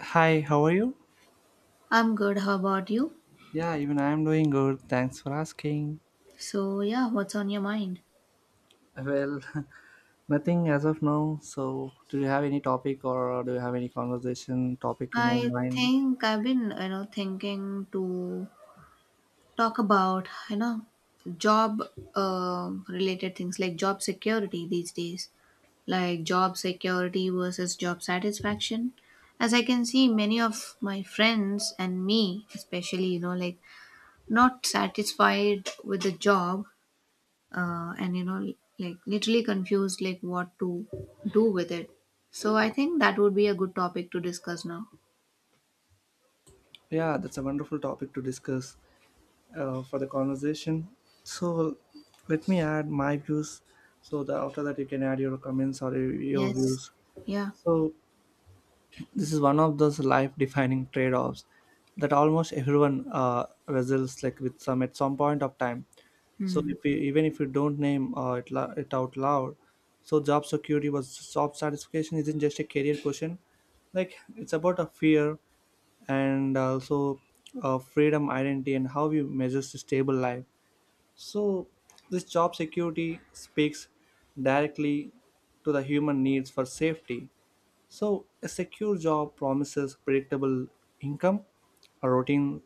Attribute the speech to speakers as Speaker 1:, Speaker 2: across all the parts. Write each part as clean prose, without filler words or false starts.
Speaker 1: Hi, how are you?
Speaker 2: I'm good. How about you?
Speaker 1: Yeah, even I am doing good. Thanks for asking.
Speaker 2: So yeah, what's on your mind?
Speaker 1: Well, nothing as of now. So, do you have any topic or do you have any conversation topic in your
Speaker 2: I
Speaker 1: mind?
Speaker 2: think I've been, you know, thinking to talk about, you know, job related things like job security these days, like job security versus job satisfaction. As I can see, many of my friends and me, especially, you know, like not satisfied with the job, and you know, like literally confused like what to do with it. So I think that would be a good topic to discuss now.
Speaker 1: Yeah, that's a wonderful topic to discuss for the conversation. So, let me add my views. So, that after that, you can add your comments or your
Speaker 2: Yes.
Speaker 1: views.
Speaker 2: Yeah.
Speaker 1: So, this is one of those life-defining trade-offs that almost everyone wrestles like with some at some point of time. So
Speaker 2: Hmm.
Speaker 1: if we, even if you don't name it, it out loud, so job security was job satisfaction isn't just a career question. Like it's about a fear and also freedom, identity, and how you measure a stable life. So this job security speaks directly to the human needs for safety. So a secure job promises predictable income, a routine,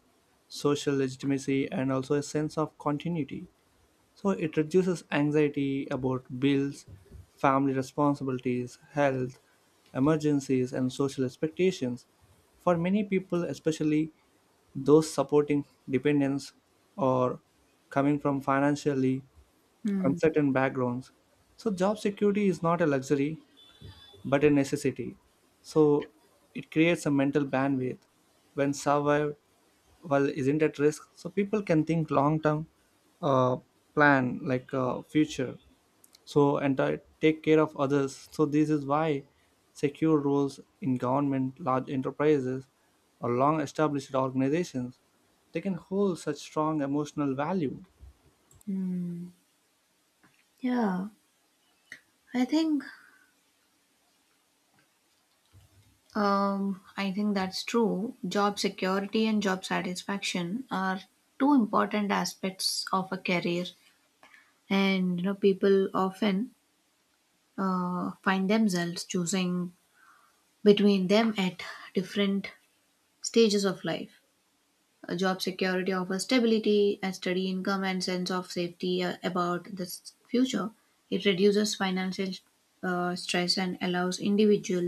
Speaker 1: social legitimacy, and also a sense of continuity. So it reduces anxiety about bills, family responsibilities, health, emergencies, and social expectations. For many people, especially those supporting dependents or coming from financially
Speaker 2: Hmm.
Speaker 1: uncertain backgrounds. So, job security is not a luxury but a necessity. So, it creates a mental bandwidth when survived well isn't at risk, so people can think long term, uh, plan like future, so and take care of others. So this is why secure roles in government, large enterprises, or long established organizations, they can hold such strong emotional value.
Speaker 2: Hmm. Yeah, i think I think that's true. Job security and job satisfaction are two important aspects of a career, and you know, people often find themselves choosing between them at different stages of life. Job security offers stability, a steady income, and sense of safety about the future. It reduces financial stress and allows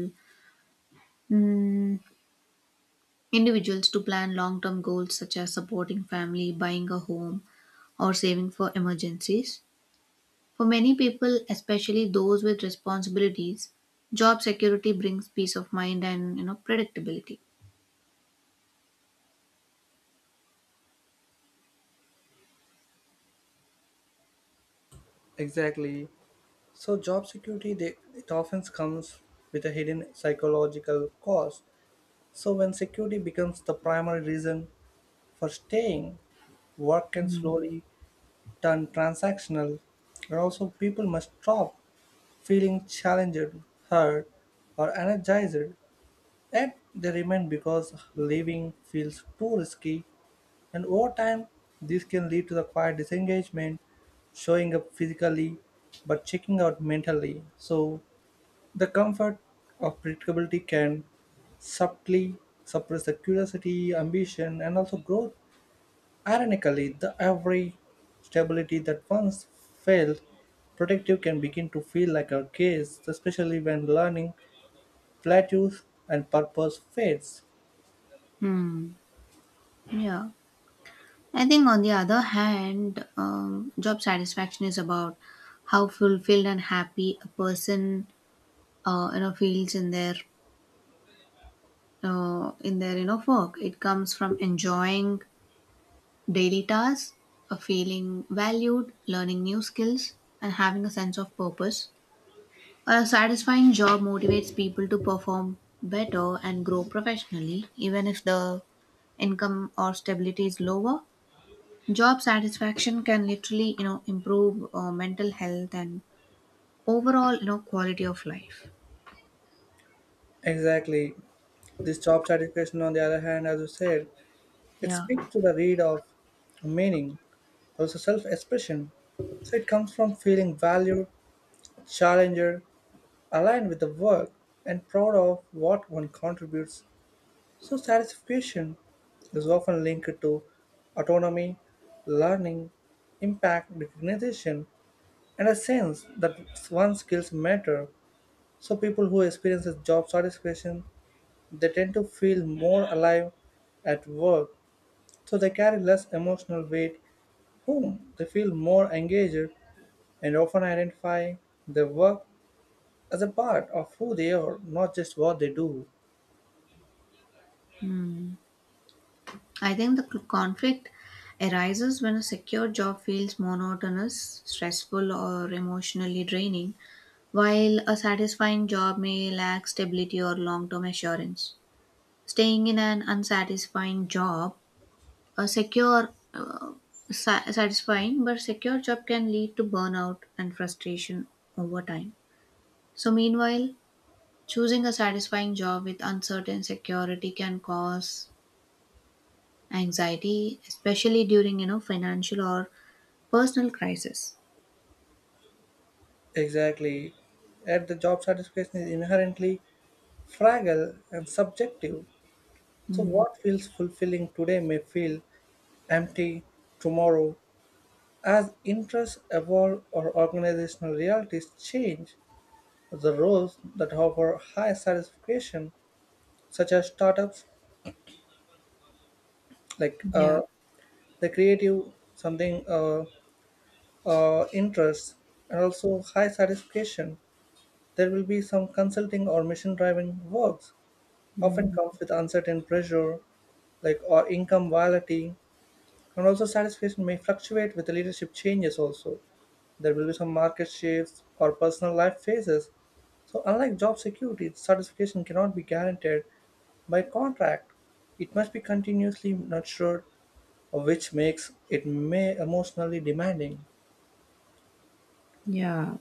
Speaker 2: mm, individuals to plan long-term goals such as supporting family, buying a home, or saving for emergencies. For many people, especially those with responsibilities, job security brings peace of mind and you know, predictability.
Speaker 1: Exactly. So job security, it often comes with a hidden psychological cost. So when security becomes the primary reason for staying, work can slowly turn transactional, but also people must stop feeling challenged, hurt, or energized. Yet they remain because living feels too risky, and over time, this can lead to the quiet disengagement, showing up physically but checking out mentally. So, the comfort of predictability can subtly suppress the curiosity, ambition, and also growth. Ironically, the every stability that once felt protective can begin to feel like a cage, especially when learning plateaus and purpose fades.
Speaker 2: Hmm. Yeah. I think, on the other hand, job satisfaction is about how fulfilled and happy a person, you know, feels in their, you know, work. It comes from enjoying daily tasks, feeling valued, learning new skills, and having a sense of purpose. A satisfying job motivates people to perform better and grow professionally, even if the income or stability is lower. Job satisfaction can literally, you know, improve mental health and overall, you know, quality of life.
Speaker 1: Exactly. This job satisfaction, on the other hand, as you said, it
Speaker 2: Yeah.
Speaker 1: speaks to the read of meaning, also self expression. So it comes from feeling valued, challenged, aligned with the work, and proud of what one contributes. So, satisfaction is often linked to autonomy, learning, impact, recognition, and a sense that one's skills matter. So, people who experience job satisfaction, they tend to feel more alive at work, so they carry less emotional weight home. They feel more engaged and often identify their work as a part of who they are, not just what they do.
Speaker 2: Hmm. I think the conflict arises when a secure job feels monotonous, stressful, or emotionally draining, while a satisfying job may lack stability or long term assurance. Staying in an unsatisfying job, a satisfying but secure job can lead to burnout and frustration over time. So, meanwhile, choosing a satisfying job with uncertain security can cause anxiety, especially during you know, financial or personal crisis.
Speaker 1: Exactly. At the job satisfaction is inherently fragile and subjective. So,
Speaker 2: Mm,
Speaker 1: what feels fulfilling today may feel empty tomorrow. As interests evolve or organizational realities change, the roles that offer high satisfaction, such as startups, like
Speaker 2: yeah.
Speaker 1: the creative something interests, and also high satisfaction, there will be some consulting or mission-driving works. Often
Speaker 2: mm,
Speaker 1: comes with uncertain pressure, like or income volatility. And also satisfaction may fluctuate with the leadership changes also. There will be some market shifts or personal life phases. So unlike job security, satisfaction cannot be guaranteed by contract. It must be continuously nurtured, which makes it may emotionally demanding.
Speaker 2: yeah.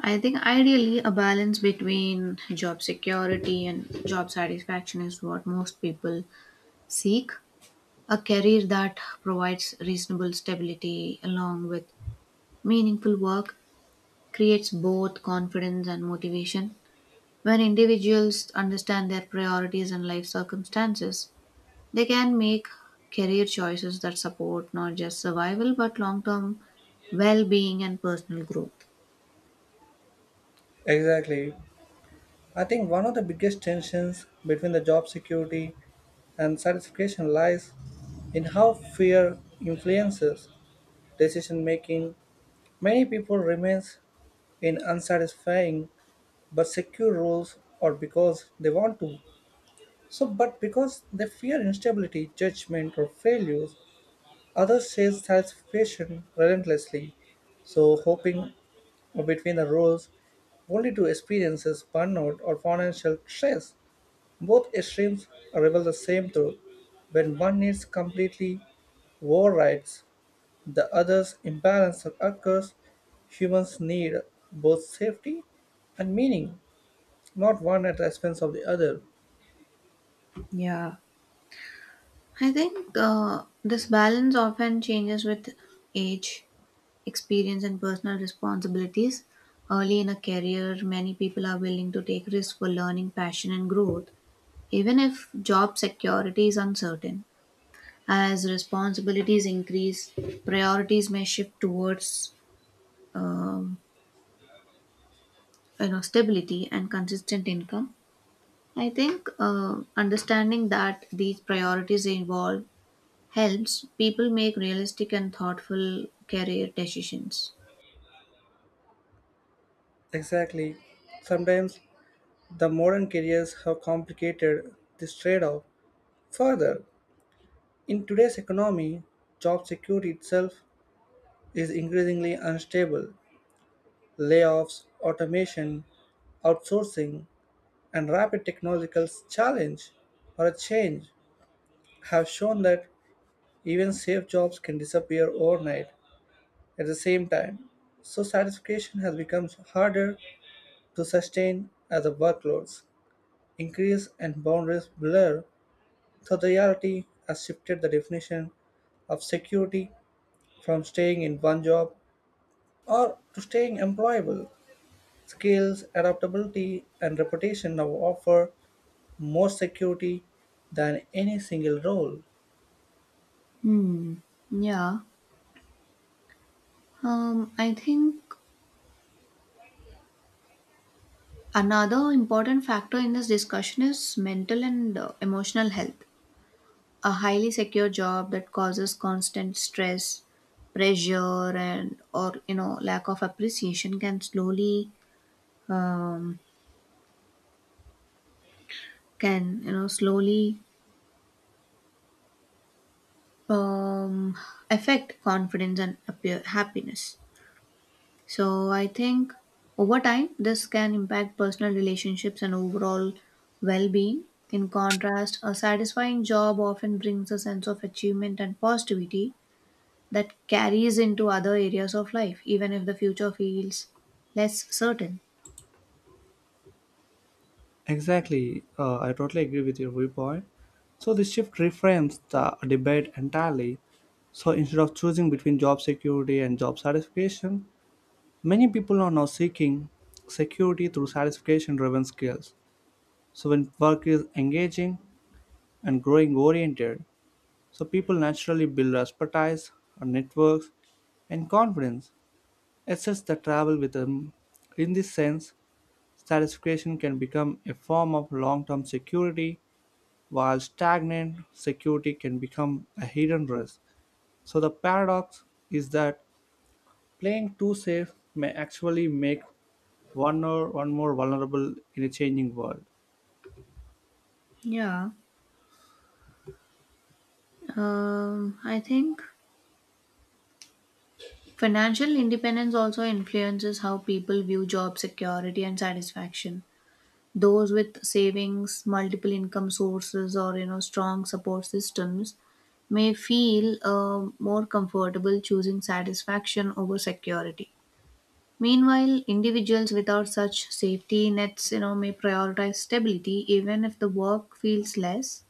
Speaker 2: I think ideally a balance between job security and job satisfaction is what most people seek. A career that provides reasonable stability along with meaningful work creates both confidence and motivation. When individuals understand their priorities and life circumstances, they can make career choices that support not just survival but long term well being and personal growth.
Speaker 1: Exactly. I think one of the biggest tensions between the job security and satisfaction lies in how fear influences decision making. Many people remain in unsatisfying but secure roles or because they want to. So, but because they fear instability, judgment, or failures, others chase satisfaction relentlessly. So, hoping between the roles only to experiences burnout or financial stress. Both extremes reveal the same truth. When one needs completely overrides the other's imbalance that occurs, humans need both safety and meaning, not one at the expense of the other.
Speaker 2: Yeah. I think this balance often changes with age, experience, and personal responsibilities. Early in a career, many people are willing to take risks for learning, passion, and growth, even if job security is uncertain. As responsibilities increase, priorities may shift towards um, you know, stability and consistent income. I think understanding that these priorities involve helps people make realistic and thoughtful career decisions.
Speaker 1: Exactly. Sometimes the modern careers have complicated this trade off further. In today's economy, job security itself is increasingly unstable. Layoffs, automation, outsourcing, and rapid technological challenge or a change have shown that even safe jobs can disappear overnight at the same time. So satisfaction has become harder to sustain as the workloads increase and boundaries blur, so the reality has shifted the definition of security from staying in one job or to staying employable. Skills, adaptability, and reputation now offer more security than any single role.
Speaker 2: Hmm. Yeah. I think another important factor in this discussion is mental and emotional health. A highly secure job that causes constant stress, pressure, and or you know, lack of appreciation can slowly um, can you know, slowly um, affect confidence and appear happiness. So I think over time this can impact personal relationships and overall well-being. In contrast, a satisfying job often brings a sense of achievement and positivity, that carries into other areas of life, even if the future feels less certain.
Speaker 1: Exactly, I totally agree with your viewpoint. So this shift reframes the debate entirely. So instead of choosing between job security and job satisfaction, many people are now seeking security through satisfaction driven skills. So, when work is engaging and growing oriented, so people naturally build expertise, or networks, and confidence. It's just the travel with them. In this sense, satisfaction can become a form of long term security, while stagnant security can become a hidden risk. So, the paradox is that playing too safe may actually make one or one more vulnerable in a changing world.
Speaker 2: Yeah, I think financial independence also influences how people view job security and satisfaction. Those with savings, multiple income sources, or you know, strong support systems may feel more comfortable choosing satisfaction over security. Meanwhile, individuals without such safety nets, you know, may prioritize stability even if the work feels less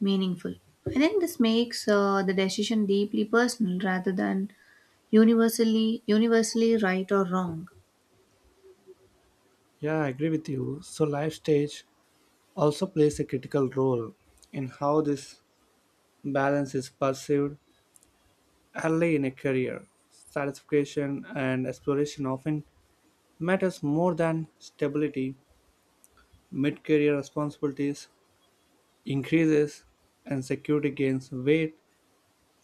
Speaker 2: meaningful. I think this makes the decision deeply personal rather than universally right or wrong.
Speaker 1: Yeah, I agree with you. So life stage also plays a critical role in how this balance is perceived early in a career. Satisfaction and exploration often matters more than stability. Mid-career responsibilities increases and security gains weight.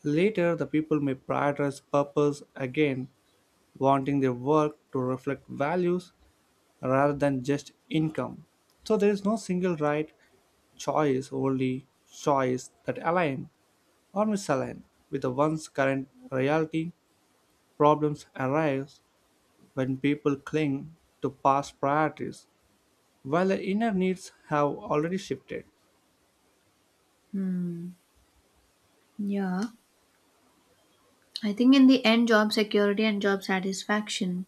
Speaker 1: Later, the people may prioritize purpose again, wanting their work to reflect values rather than just income. So there is no single right choice, only choice that align or misalign with the one's current reality. Problems arise when people cling to past priorities while their inner needs have already shifted.
Speaker 2: Hmm. Yeah. I think in the end, job security and job satisfaction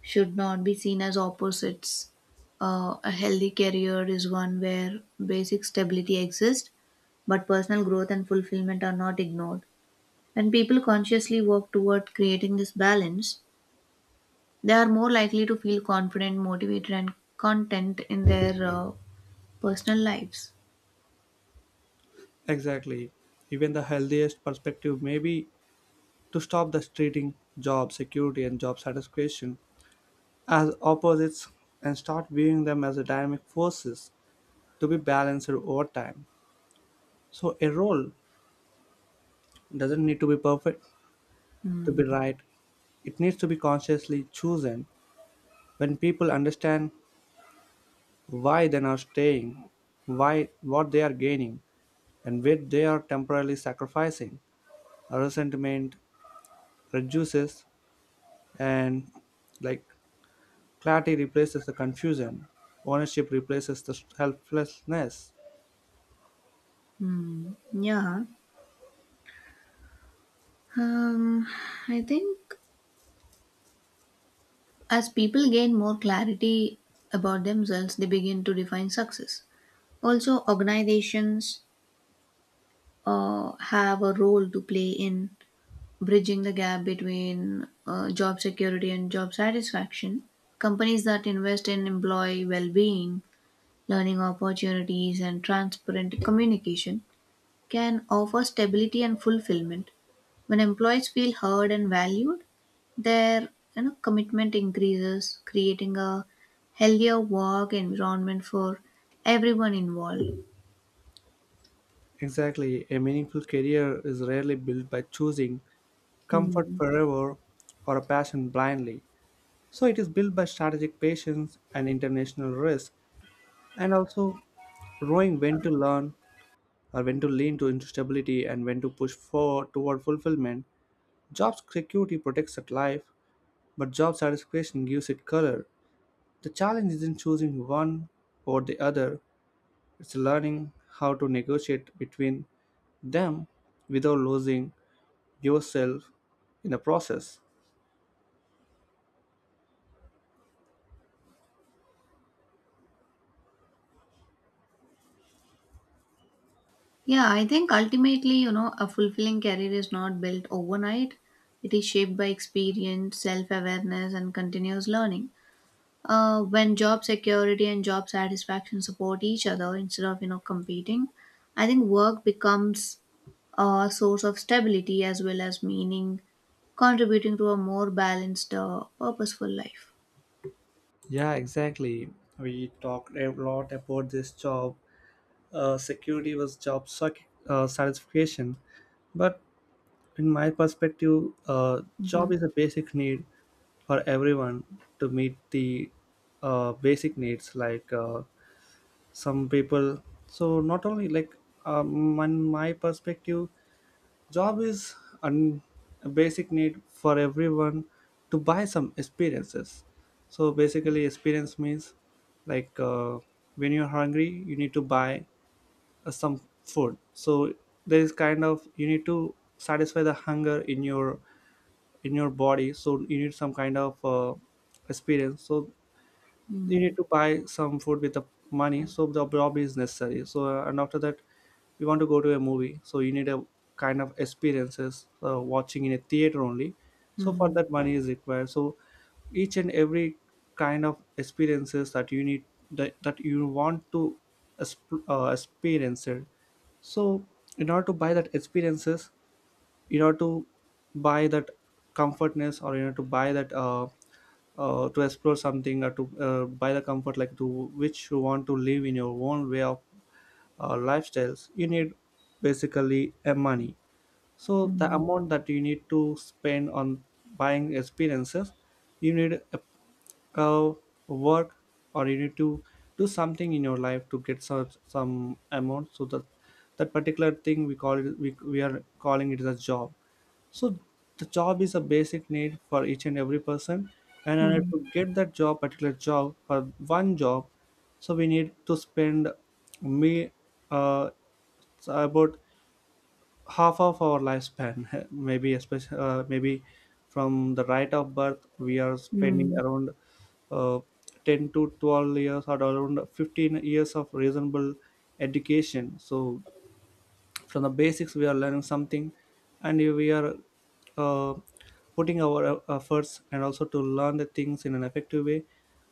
Speaker 2: should not be seen as opposites. A healthy career is one where basic stability exists, but personal growth and fulfillment are not ignored. When people consciously work toward creating this balance, they are more likely to feel confident, motivated, and content in their personal lives.
Speaker 1: Exactly. Even the healthiest perspective may be to stop the treating job security and job satisfaction as opposites and start viewing them as dynamic forces to be balanced over time. So, a role doesn't need to be perfect to
Speaker 2: Hmm.
Speaker 1: be right, it needs to be consciously chosen when people understand why they are staying, why what they are gaining, and what they are temporarily sacrificing. Resentment reduces, and like clarity replaces the confusion, ownership replaces the helplessness.
Speaker 2: Hmm. Yeah. Um, I think as people gain more clarity about themselves, they begin to define success. Also, organizations have a role to play in bridging the gap between job security and job satisfaction. Companies that invest in employee well being, learning opportunities, and transparent communication can offer stability and fulfillment. When employees feel heard and valued, their you know, commitment increases, creating a healthier work environment for everyone involved.
Speaker 1: Exactly, a meaningful career is rarely built by choosing comfort
Speaker 2: Hmm.
Speaker 1: forever or a passion blindly. So it is built by strategic patience and international risk, and also knowing when to learn or when to lean to instability and when to push forward toward fulfillment. Job security protects that life, but job satisfaction gives it color. The challenge isn't choosing one or the other, it's learning how to negotiate between them without losing yourself in the process.
Speaker 2: Yeah, I think ultimately, you know, a fulfilling career is not built overnight. It is shaped by experience, self awareness, and continuous learning. When job security and job satisfaction support each other instead of, you know, competing, I think work becomes a source of stability as well as meaning, contributing to a more balanced, purposeful life.
Speaker 1: Yeah, exactly. We talked a lot about this job. Security was job satisfaction, but in my perspective, uh,
Speaker 2: Mm-hmm.
Speaker 1: job is a basic need for everyone to meet the basic needs. Like some people, so not only like um, in my perspective, job is an, a basic need for everyone to buy some experiences. So basically, experience means like when you're hungry, you need to buy some food. So there is kind of you need to satisfy the hunger in your body. So you need some kind of experience. So you need
Speaker 2: mm
Speaker 1: to buy some food with the money, so the job is necessary. So and after that you want to go to a movie, so you need a kind of experiences watching in a theater only, so for
Speaker 2: mm
Speaker 1: that money is required. So each and every kind of experiences that you need, that you want to experience it, so in order to buy that experiences, in order to buy that comfortness, or in order to buy that to explore something, or to buy the comfort, like to which you want to live in your own way of lifestyles, you need basically a money. So the
Speaker 2: mm
Speaker 1: amount that you need to spend on buying experiences, you need a work or you need to do something in your life to get such some amount, so that that particular thing we call it we are calling it as a job. So the job is a basic need for each and every person. And in order
Speaker 2: mm
Speaker 1: to get that job, particular job for one job, so we need to spend me uh, so about half of our lifespan, maybe especially maybe from the right of birth, we are spending
Speaker 2: mm
Speaker 1: around uh, 10 to 12 years or around 15 years of reasonable education. So from the basics we are learning something, and we are uh, putting our efforts. And also, to learn the things in an effective way,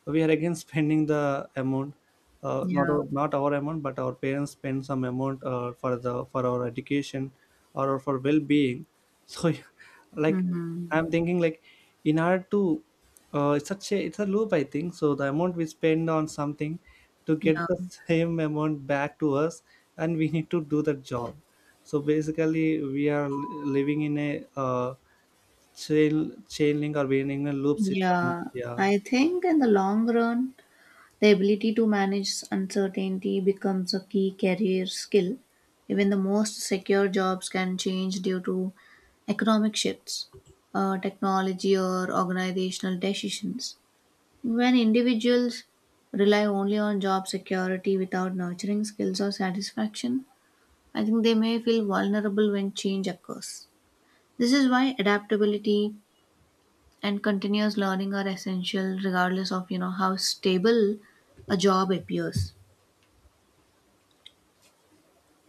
Speaker 1: we are again spending the amount,
Speaker 2: Yeah.
Speaker 1: not our amount, but our parents spend some amount for the for our education or for well-being. So, like,
Speaker 2: Mm-hmm.
Speaker 1: I'm thinking, like, in order to it's such a it's a loop, I think. So the amount we spend on something to
Speaker 2: Yeah.
Speaker 1: get the same amount back to us, and we need to do the job. So basically we are living in a chain link, or being in a loop system.
Speaker 2: Yeah,
Speaker 1: Yeah.
Speaker 2: I think in the long run, the ability to manage uncertainty becomes a key career skill. Even the most secure jobs can change due to economic shifts, technology, or organizational decisions. When individuals rely only on job security without nurturing skills or satisfaction, I think they may feel vulnerable when change occurs. This is why adaptability and continuous learning are essential regardless of you know, how stable a job appears.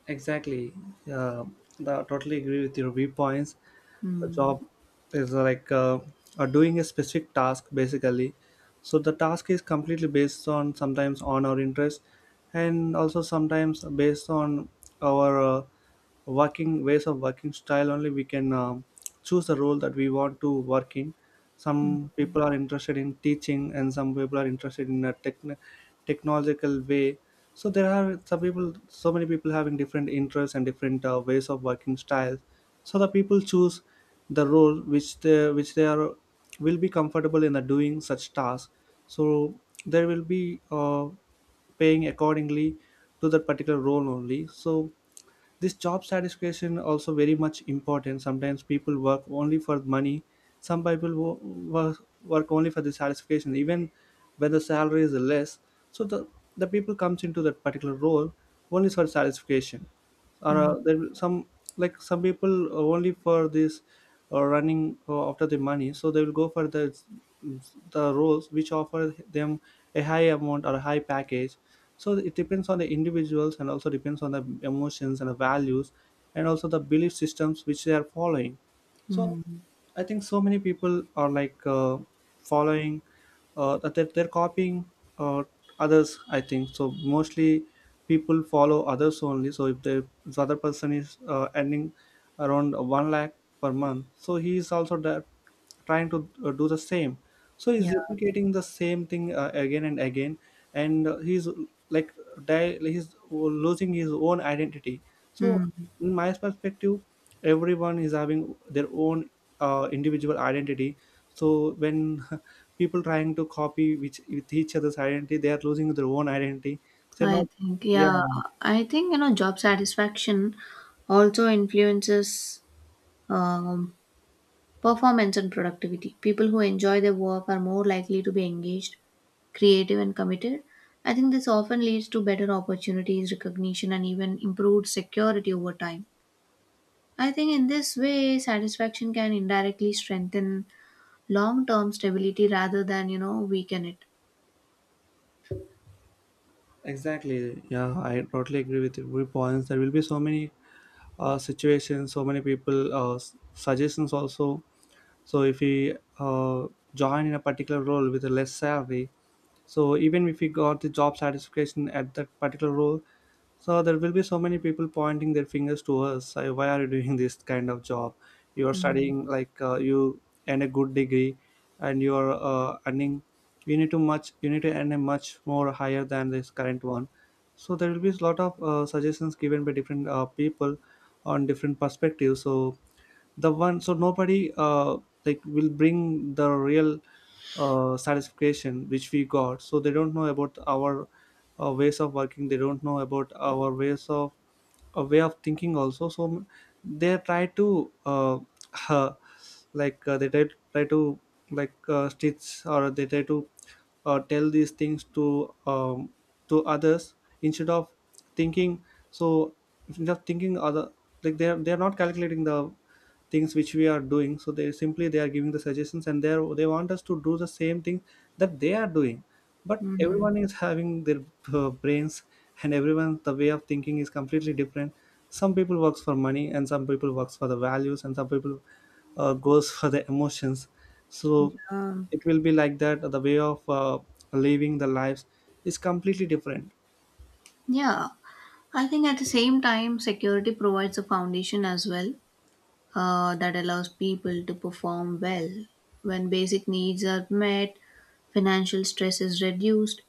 Speaker 1: Exactly. Yeah, I totally agree with your viewpoints. A
Speaker 2: Hmm.
Speaker 1: job is like, doing a specific task basically. So the task is completely based on, sometimes on our interest, and also sometimes based on our working ways of working style. Only we can choose the role that we want to work in. Some people are interested in teaching, and some people are interested in a technological way. So there are some people so many people having different interests and different ways of working styles. So the people choose the role which they are will be comfortable in the doing such tasks. So there will be paying accordingly to that particular role only. So this job satisfaction also very much important. Sometimes people work only for money, some people work, work only for the satisfaction, even when the salary is less. So the people comes into that particular role only for satisfaction. Or
Speaker 2: Hmm.
Speaker 1: there some, like, some people only for this running after the money, so they will go for the mm, the roles which offer them a high amount or a high package. So it depends on the individuals, and also depends on the emotions and the values, and also the belief systems which they are following. So
Speaker 2: Hmm.
Speaker 1: I think so many people are like, following, that they're copying uh, others. I think so. Mostly people follow others only. So if the other person is earning around 1 lakh per month, so he is also that, trying to do the same. So
Speaker 2: Yeah.
Speaker 1: he's replicating the same thing again and again. And he's, like, die, he's losing his own identity. So
Speaker 2: Hmm.
Speaker 1: in my perspective, everyone is having their own individual identity. So when people trying to copy which with each other's identity, they are losing their own identity. So
Speaker 2: I
Speaker 1: not.
Speaker 2: think,
Speaker 1: Yeah.
Speaker 2: yeah, I think, you know, job satisfaction also influences um, performance and productivity. People who enjoy their work are more likely to be engaged, creative, and committed. I think this often leads to better opportunities, recognition, and even improved security over time. I think in this way, satisfaction can indirectly strengthen long term stability rather than, you know, weaken it.
Speaker 1: Exactly. Yeah, I totally agree with your points. There will be so many situations, so many people suggestions also. So if we join in a particular role with a less salary, so even if we got the job satisfaction at that particular role, so there will be so many people pointing their fingers to us: Why are you doing this kind of job? You are
Speaker 2: Hmm.
Speaker 1: studying, like, you earn a good degree, and you are earning. You need to much. You need to earn a much more higher than this current one." So there will be a lot of suggestions given by different people on different perspectives. So the one. So nobody like will bring the real satisfaction which we got, so they don't know about our ways of working, they don't know about our ways of a way of thinking also. So they try to like, try to, like, stitch, or they try to tell these things to others, instead of thinking. So, instead of thinking other, like, they're not calculating the things which we are doing, so they simply, they are giving the suggestions, and they want us to do the same thing that they are doing. But
Speaker 2: Hmm.
Speaker 1: everyone is having their brains, and everyone, the way of thinking is completely different. Some people works for money, and some people works for the values, and some people goes for the emotions. So
Speaker 2: Yeah.
Speaker 1: it will be like that, the way of living the lives is completely different.
Speaker 2: Yeah. I think at the same time, security provides a foundation as well, that allows people to perform well. When basic needs are met, financial stress is reduced,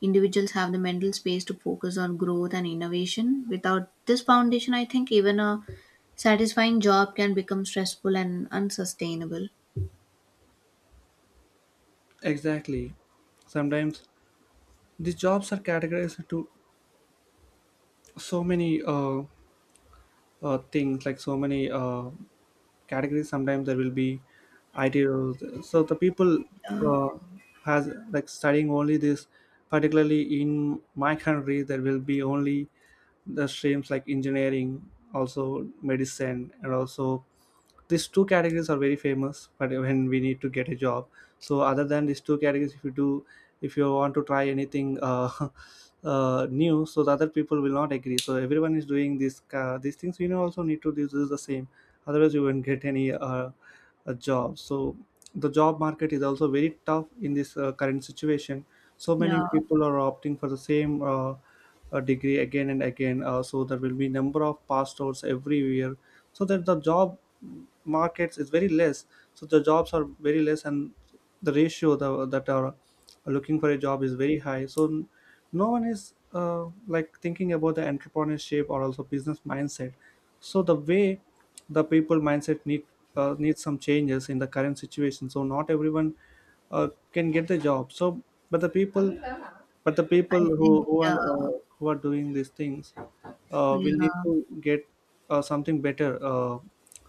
Speaker 2: individuals have the mental space to focus on growth and innovation. Without this foundation, I think even a satisfying job can become stressful and unsustainable.
Speaker 1: Exactly. Sometimes these jobs are categorized into so many things, like so many categories. Sometimes there will be ideals. So the people
Speaker 2: Uh,
Speaker 1: uh, has, like, studying only this, particularly in my country. There will be only the streams like engineering, also medicine, and also these two categories are very famous. But when we need to get a job, so other than these two categories, if you want to try anything new, so the other people will not agree. So everyone is doing this, these things, also need to do, this is the same, otherwise you won't get any a job. So the job market is also very tough in this current situation. So many
Speaker 2: yeah,
Speaker 1: people are opting for the same degree again and again, so there will be number of pass outs every year. So that the job markets is very less. So the jobs are very less, and the ratio that are looking for a job is very high. So no one is like thinking about the entrepreneurship or also business mindset. So the way the people mindset needs some changes in the current situation. So not everyone can get the job. So but the people but the
Speaker 2: I
Speaker 1: people
Speaker 2: think, yeah,
Speaker 1: who are doing these things, we'll need
Speaker 2: yeah.
Speaker 1: to get something better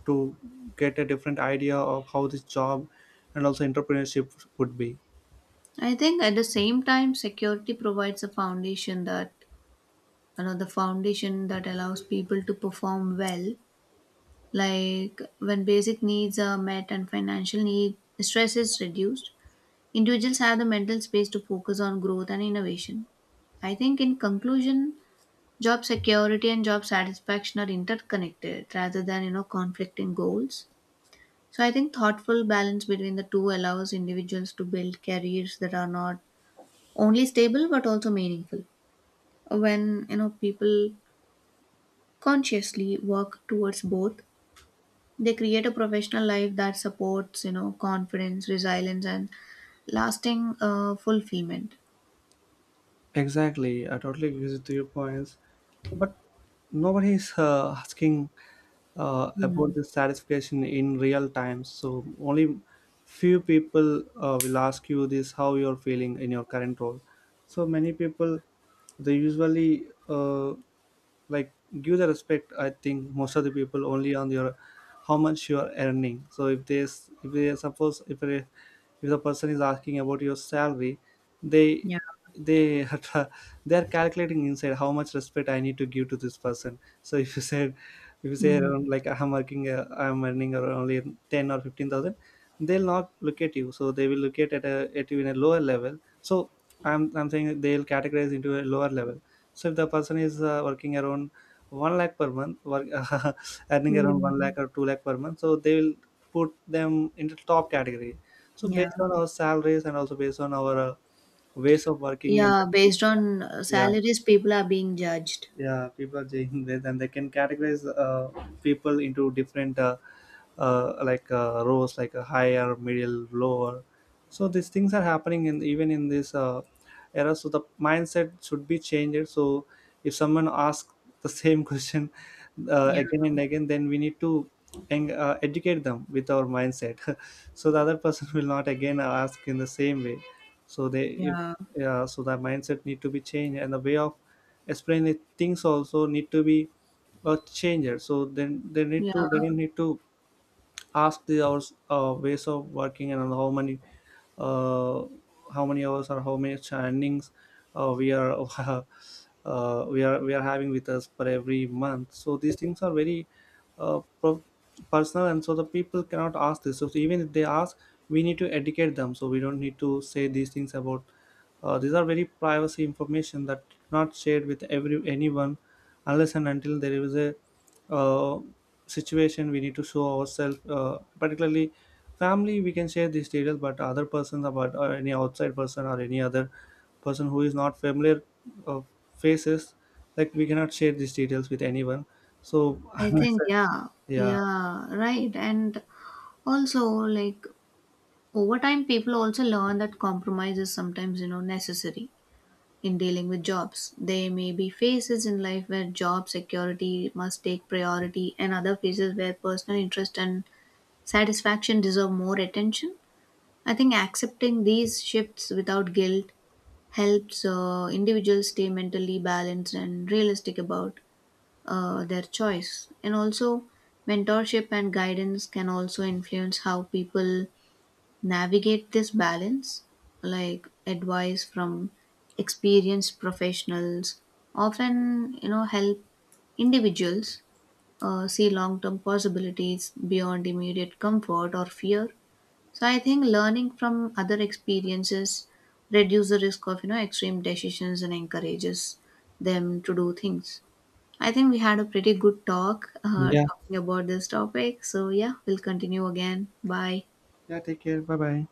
Speaker 1: to get a different idea of how this job and also entrepreneurship would be.
Speaker 2: I think at the same time, security provides a foundation that, you know, the foundation that allows people to perform well. Like when basic needs are met and financial need stress is reduced, individuals have the mental space to focus on growth and innovation. I think in conclusion, job security and job satisfaction are interconnected rather than you know, conflicting goals. So I think thoughtful balance between the two allows individuals to build careers that are not only stable but also meaningful. When you know, people consciously work towards both, they create a professional life that supports you know, confidence resilience and lasting fulfillment.
Speaker 1: Exactly, I totally agree with your points. But nobody is asking
Speaker 2: Mm.
Speaker 1: about this satisfaction in real time. So only few people will ask you this: how you're feeling in your current role. So many people, they usually like, give the respect, I think, most of the people only on your, how much you are earning. So if they suppose, if the person is asking about your salary, they
Speaker 2: Yeah.
Speaker 1: they they are calculating inside how much respect I need to give to this person. So if you say
Speaker 2: Mm.
Speaker 1: around, like, I'm working, I'm earning around only 10 or 15,000. They'll not look at you, so they will look at you in a lower level. So I'm saying they'll categorize into a lower level. So if the person is working around 1 lakh per month, earning around 1
Speaker 2: Mm.
Speaker 1: lakh or 2 lakh per month, so they will put them into top category. So
Speaker 2: Yeah.
Speaker 1: based on our salaries, and also based on our ways of working, and
Speaker 2: Yeah, based on
Speaker 1: yeah.
Speaker 2: salaries people are being judged.
Speaker 1: Yeah, people are doing this, and they can categorize people into different like, rows, like a higher, middle, lower. So these things are happening in even in this era. So the mindset should be changed. So if someone asks the same question
Speaker 2: Yeah.
Speaker 1: again and again, then we need to educate them with our mindset. So the other person will not again ask in the same way. So they if.
Speaker 2: Yeah.
Speaker 1: Yeah. So the mindset need to be changed, and the way of explain it, things also need to be changed. So then they
Speaker 2: Yeah,
Speaker 1: don't need to ask the hours, ways of working, and uh, how many hours or how many standings we are we are having with us for every month. So these things are very uh, pro- personal, and so the people cannot ask this. So even if they ask, we need to educate them. So we don't need to say these things about, these are very privacy information that not shared with every anyone unless and until there is a uh, situation we need to show ourselves. Particularly family, we can share these details, but other persons about, or any outside person or any other person who is not familiar of faces, like, we cannot share these details with anyone. So
Speaker 2: I
Speaker 1: unless.
Speaker 2: think yeah
Speaker 1: Yeah.
Speaker 2: yeah, right. And also, like, over time people also learn that compromise is sometimes you know, necessary in dealing with jobs. There may be phases in life where job security must take priority, and other phases where personal interest and satisfaction deserve more attention. I think accepting these shifts without guilt helps individuals stay mentally balanced and realistic about their choice. And also, mentorship and guidance can also influence how people navigate this balance. Like advice from experienced professionals often, you know, help individuals see long term possibilities beyond immediate comfort or fear. So I think learning from other experiences reduce the risk of you know, extreme decisions and encourages them to do things. I think we had a pretty good
Speaker 1: Yeah.
Speaker 2: talking about this topic. So yeah, we'll continue again. Bye.
Speaker 1: Yeah. Take care. Bye bye.